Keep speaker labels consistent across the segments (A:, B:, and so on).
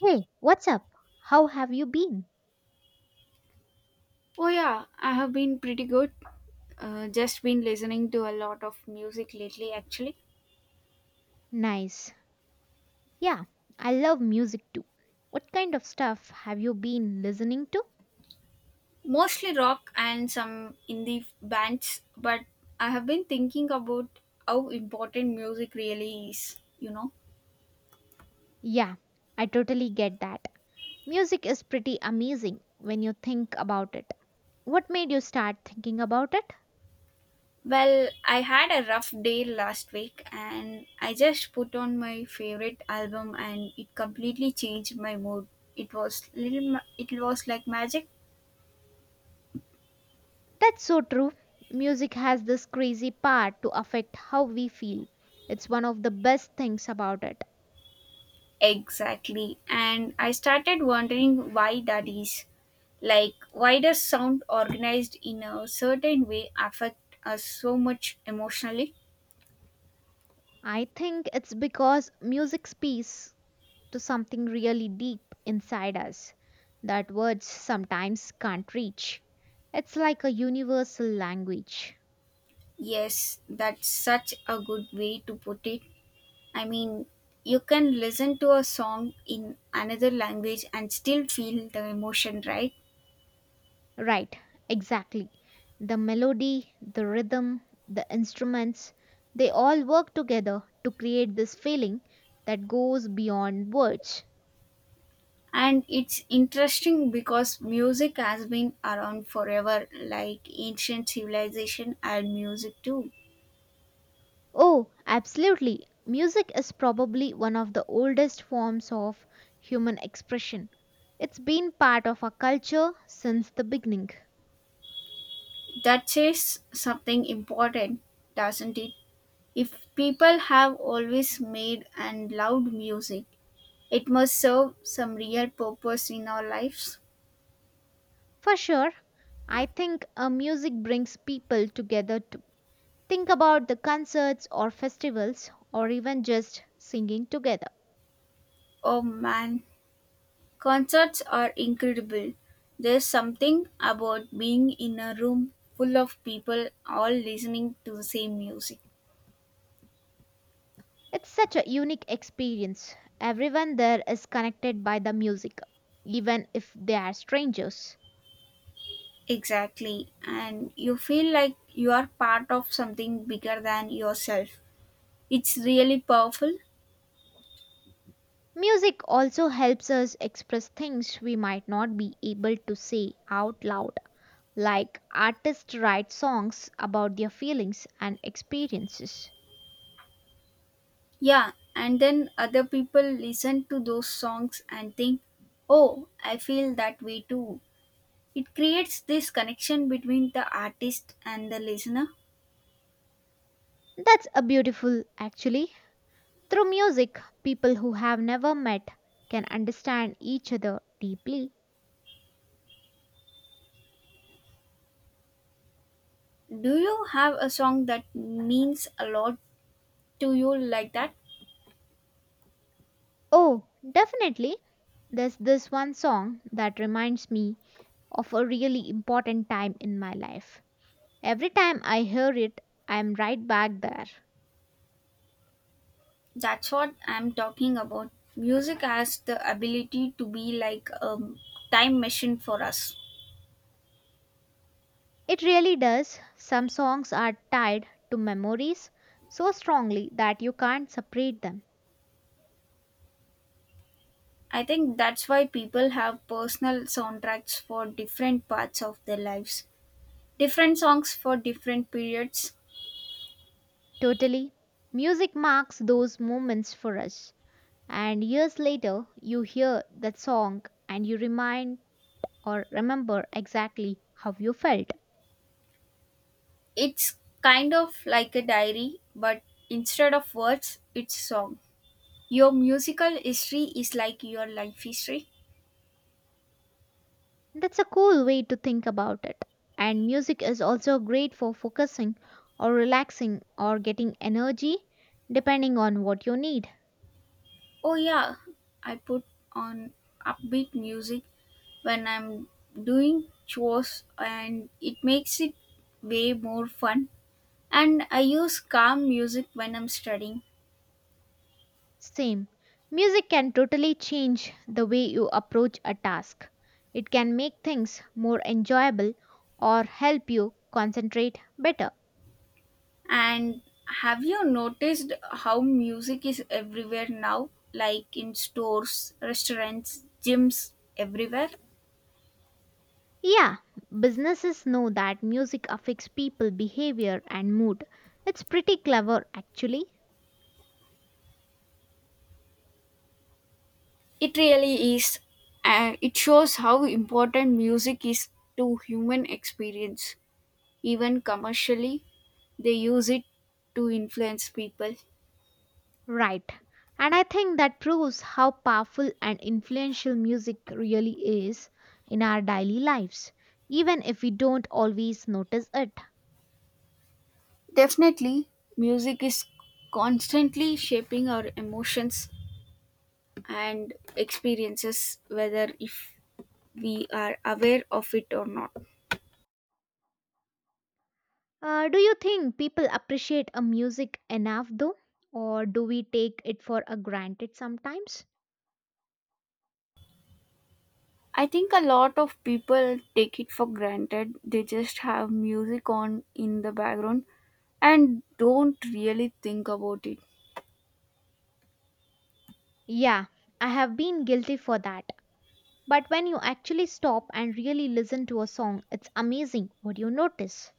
A: Hey, what's up? How have you been?
B: Oh yeah, I have been pretty good. Just been listening to a lot of music lately, actually.
A: Nice. Yeah, I love music too. What kind of stuff have you been listening to?
B: Mostly rock and some indie bands, but I have been thinking about how important music really is, you know.
A: Yeah, I totally get that. Music is pretty amazing when you think about it. What made you start thinking about it?
B: Well, I had a rough day last week and I just put on my favorite album and it completely changed my mood. It was it was like magic.
A: That's so true. Music has this crazy power to affect how we feel. It's one of the best things about it.
B: Exactly. And I started wondering why that is. Like, why does sound organized in a certain way affect us so much emotionally?
A: I think it's because music speaks to something really deep inside us that words sometimes can't reach. It's like a universal language.
B: Yes, that's such a good way to put it. I mean, you can listen to a song in another language and still feel the emotion, right?
A: Right, exactly. The melody, the rhythm, the instruments, they all work together to create this feeling that goes beyond words.
B: And it's interesting because music has been around forever, like ancient civilization and music too.
A: Oh, absolutely. Music is probably one of the oldest forms of human expression. It's been part of our culture since the beginning.
B: That says something important, doesn't it? If people have always made and loved music, it must serve some real purpose in our lives.
A: For sure, I think music brings people together too. Think about the concerts or festivals or even just singing together.
B: Oh man, concerts are incredible. There's something about being in a room full of people all listening to the same music.
A: It's such a unique experience. Everyone there is connected by the music, even if they are strangers.
B: Exactly, and you feel like you are part of something bigger than yourself. It's really powerful.
A: Music also helps us express things we might not be able to say out loud, like artists write songs about their feelings and experiences.
B: Yeah, and then other people listen to those songs and think, oh, I feel that way too. It creates this connection between the artist and the listener.
A: That's a beautiful, actually. Through music, people who have never met can understand each other deeply.
B: Do you have a song that means a lot to you like that?
A: Oh, definitely. There's this one song that reminds me of a really important time in my life. Every time I hear it, I'm right back there.
B: That's what I'm talking about. Music has the ability to be like a time machine for us.
A: It really does. Some songs are tied to memories so strongly that you can't separate them.
B: I think that's why people have personal soundtracks for different parts of their lives, different songs for different periods.
A: Totally. Music marks those moments for us. And years later, you hear that song and you remind or remember exactly how you felt.
B: It's kind of like a diary, but instead of words, it's song. Your musical history is like your life history.
A: That's a cool way to think about it. And music is also great for focusing or relaxing or getting energy depending on what you need.
B: Oh yeah, I put on upbeat music when I'm doing chores and it makes it way more fun. And I use calm music when I'm studying.
A: Same. Music can totally change the way you approach a task. It can make things more enjoyable or help you concentrate better.
B: And have you noticed how music is everywhere now? Like in stores, restaurants, gyms, everywhere?
A: Yeah, businesses know that music affects people behavior and mood. It's pretty clever actually.
B: It really is. It shows how important music is to human experience. Even commercially, they use it to influence people.
A: Right. And I think that proves how powerful and influential music really is in our daily lives, even if we don't always notice it.
B: Definitely, music is constantly shaping our emotions and experiences, whether if we are aware of it or not.
A: Do you think people appreciate a music enough though? Or do we take it for a granted sometimes?
B: I think a lot of people take it for granted. They just have music on in the background and don't really think about it.
A: Yeah, I have been guilty for that. But when you actually stop and really listen to a song, it's amazing what you notice.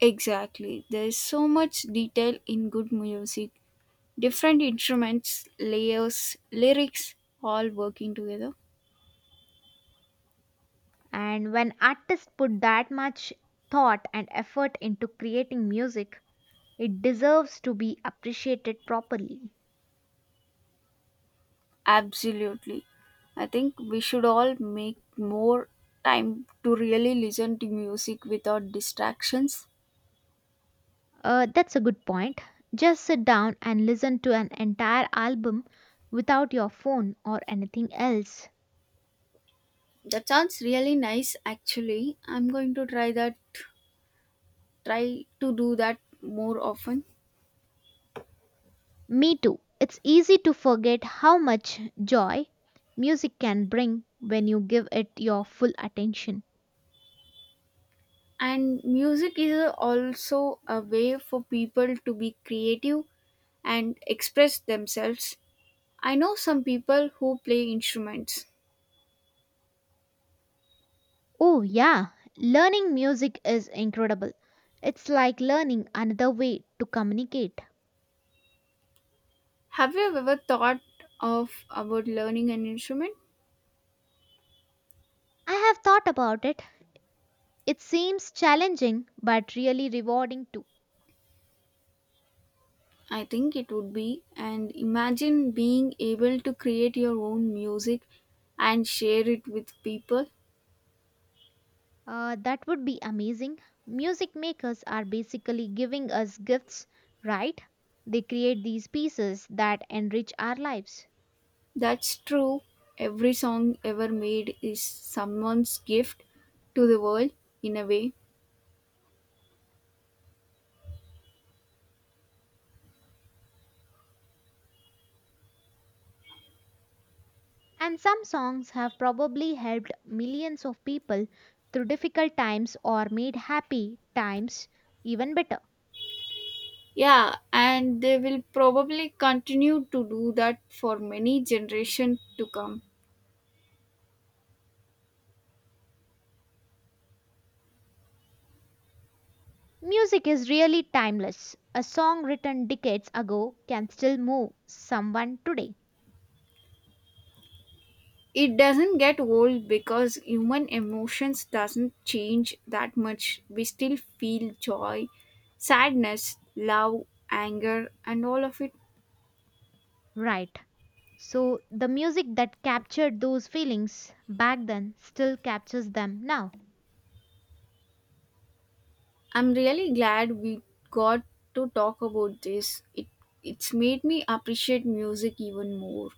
B: Exactly. There's so much detail in good music. Different instruments, layers, lyrics, all working together.
A: And when artists put that much thought and effort into creating music, it deserves to be appreciated properly.
B: Absolutely. I think we should all make more time to really listen to music without distractions.
A: That's a good point. Just sit down and listen to an entire album without your phone or anything else.
B: That sounds really nice actually. I'm going to try to do that more often.
A: Me too. It's easy to forget how much joy music can bring when you give it your full attention.
B: And music is also a way for people to be creative and express themselves. I know some people who play instruments.
A: Oh, yeah, learning music is incredible. It's like learning another way to communicate.
B: Have you ever thought of about learning an instrument?
A: I have thought about it. It seems challenging but really rewarding too.
B: I think it would be, and imagine being able to create your own music and share it with people.
A: That would be amazing. Music makers are basically giving us gifts, right? They create these pieces that enrich our lives.
B: That's true. Every song ever made is someone's gift to the world in a way.
A: And some songs have probably helped millions of people through difficult times or made happy times even better.
B: Yeah, and they will probably continue to do that for many generations to come.
A: Music is really timeless. A song written decades ago can still move someone today,
B: It doesn't get old because human emotions doesn't change that much. We still feel joy, sadness, love, anger and all of it.
A: right? So, the music that captured those feelings back then still captures them now.
B: I'm really glad we got to talk about this. It's made me appreciate music even more.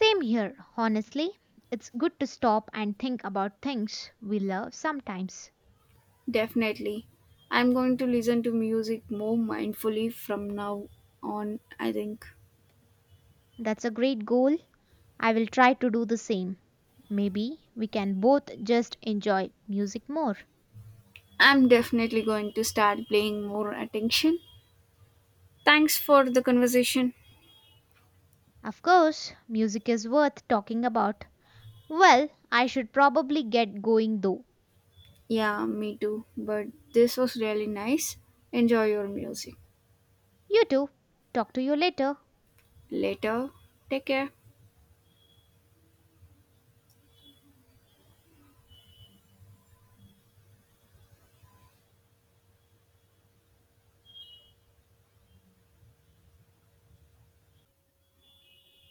A: Same here, honestly. It's good to stop and think about things we love sometimes.
B: Definitely. I'm going to listen to music more mindfully from now on, I think.
A: That's a great goal. I will try to do the same. Maybe we can both just enjoy music more.
B: I'm definitely going to start paying more attention. Thanks for the conversation.
A: Of course, music is worth talking about. Well, I should probably get going though.
B: Yeah, me too. But this was really nice. Enjoy your music.
A: You too. Talk to you later.
B: Later. Take care.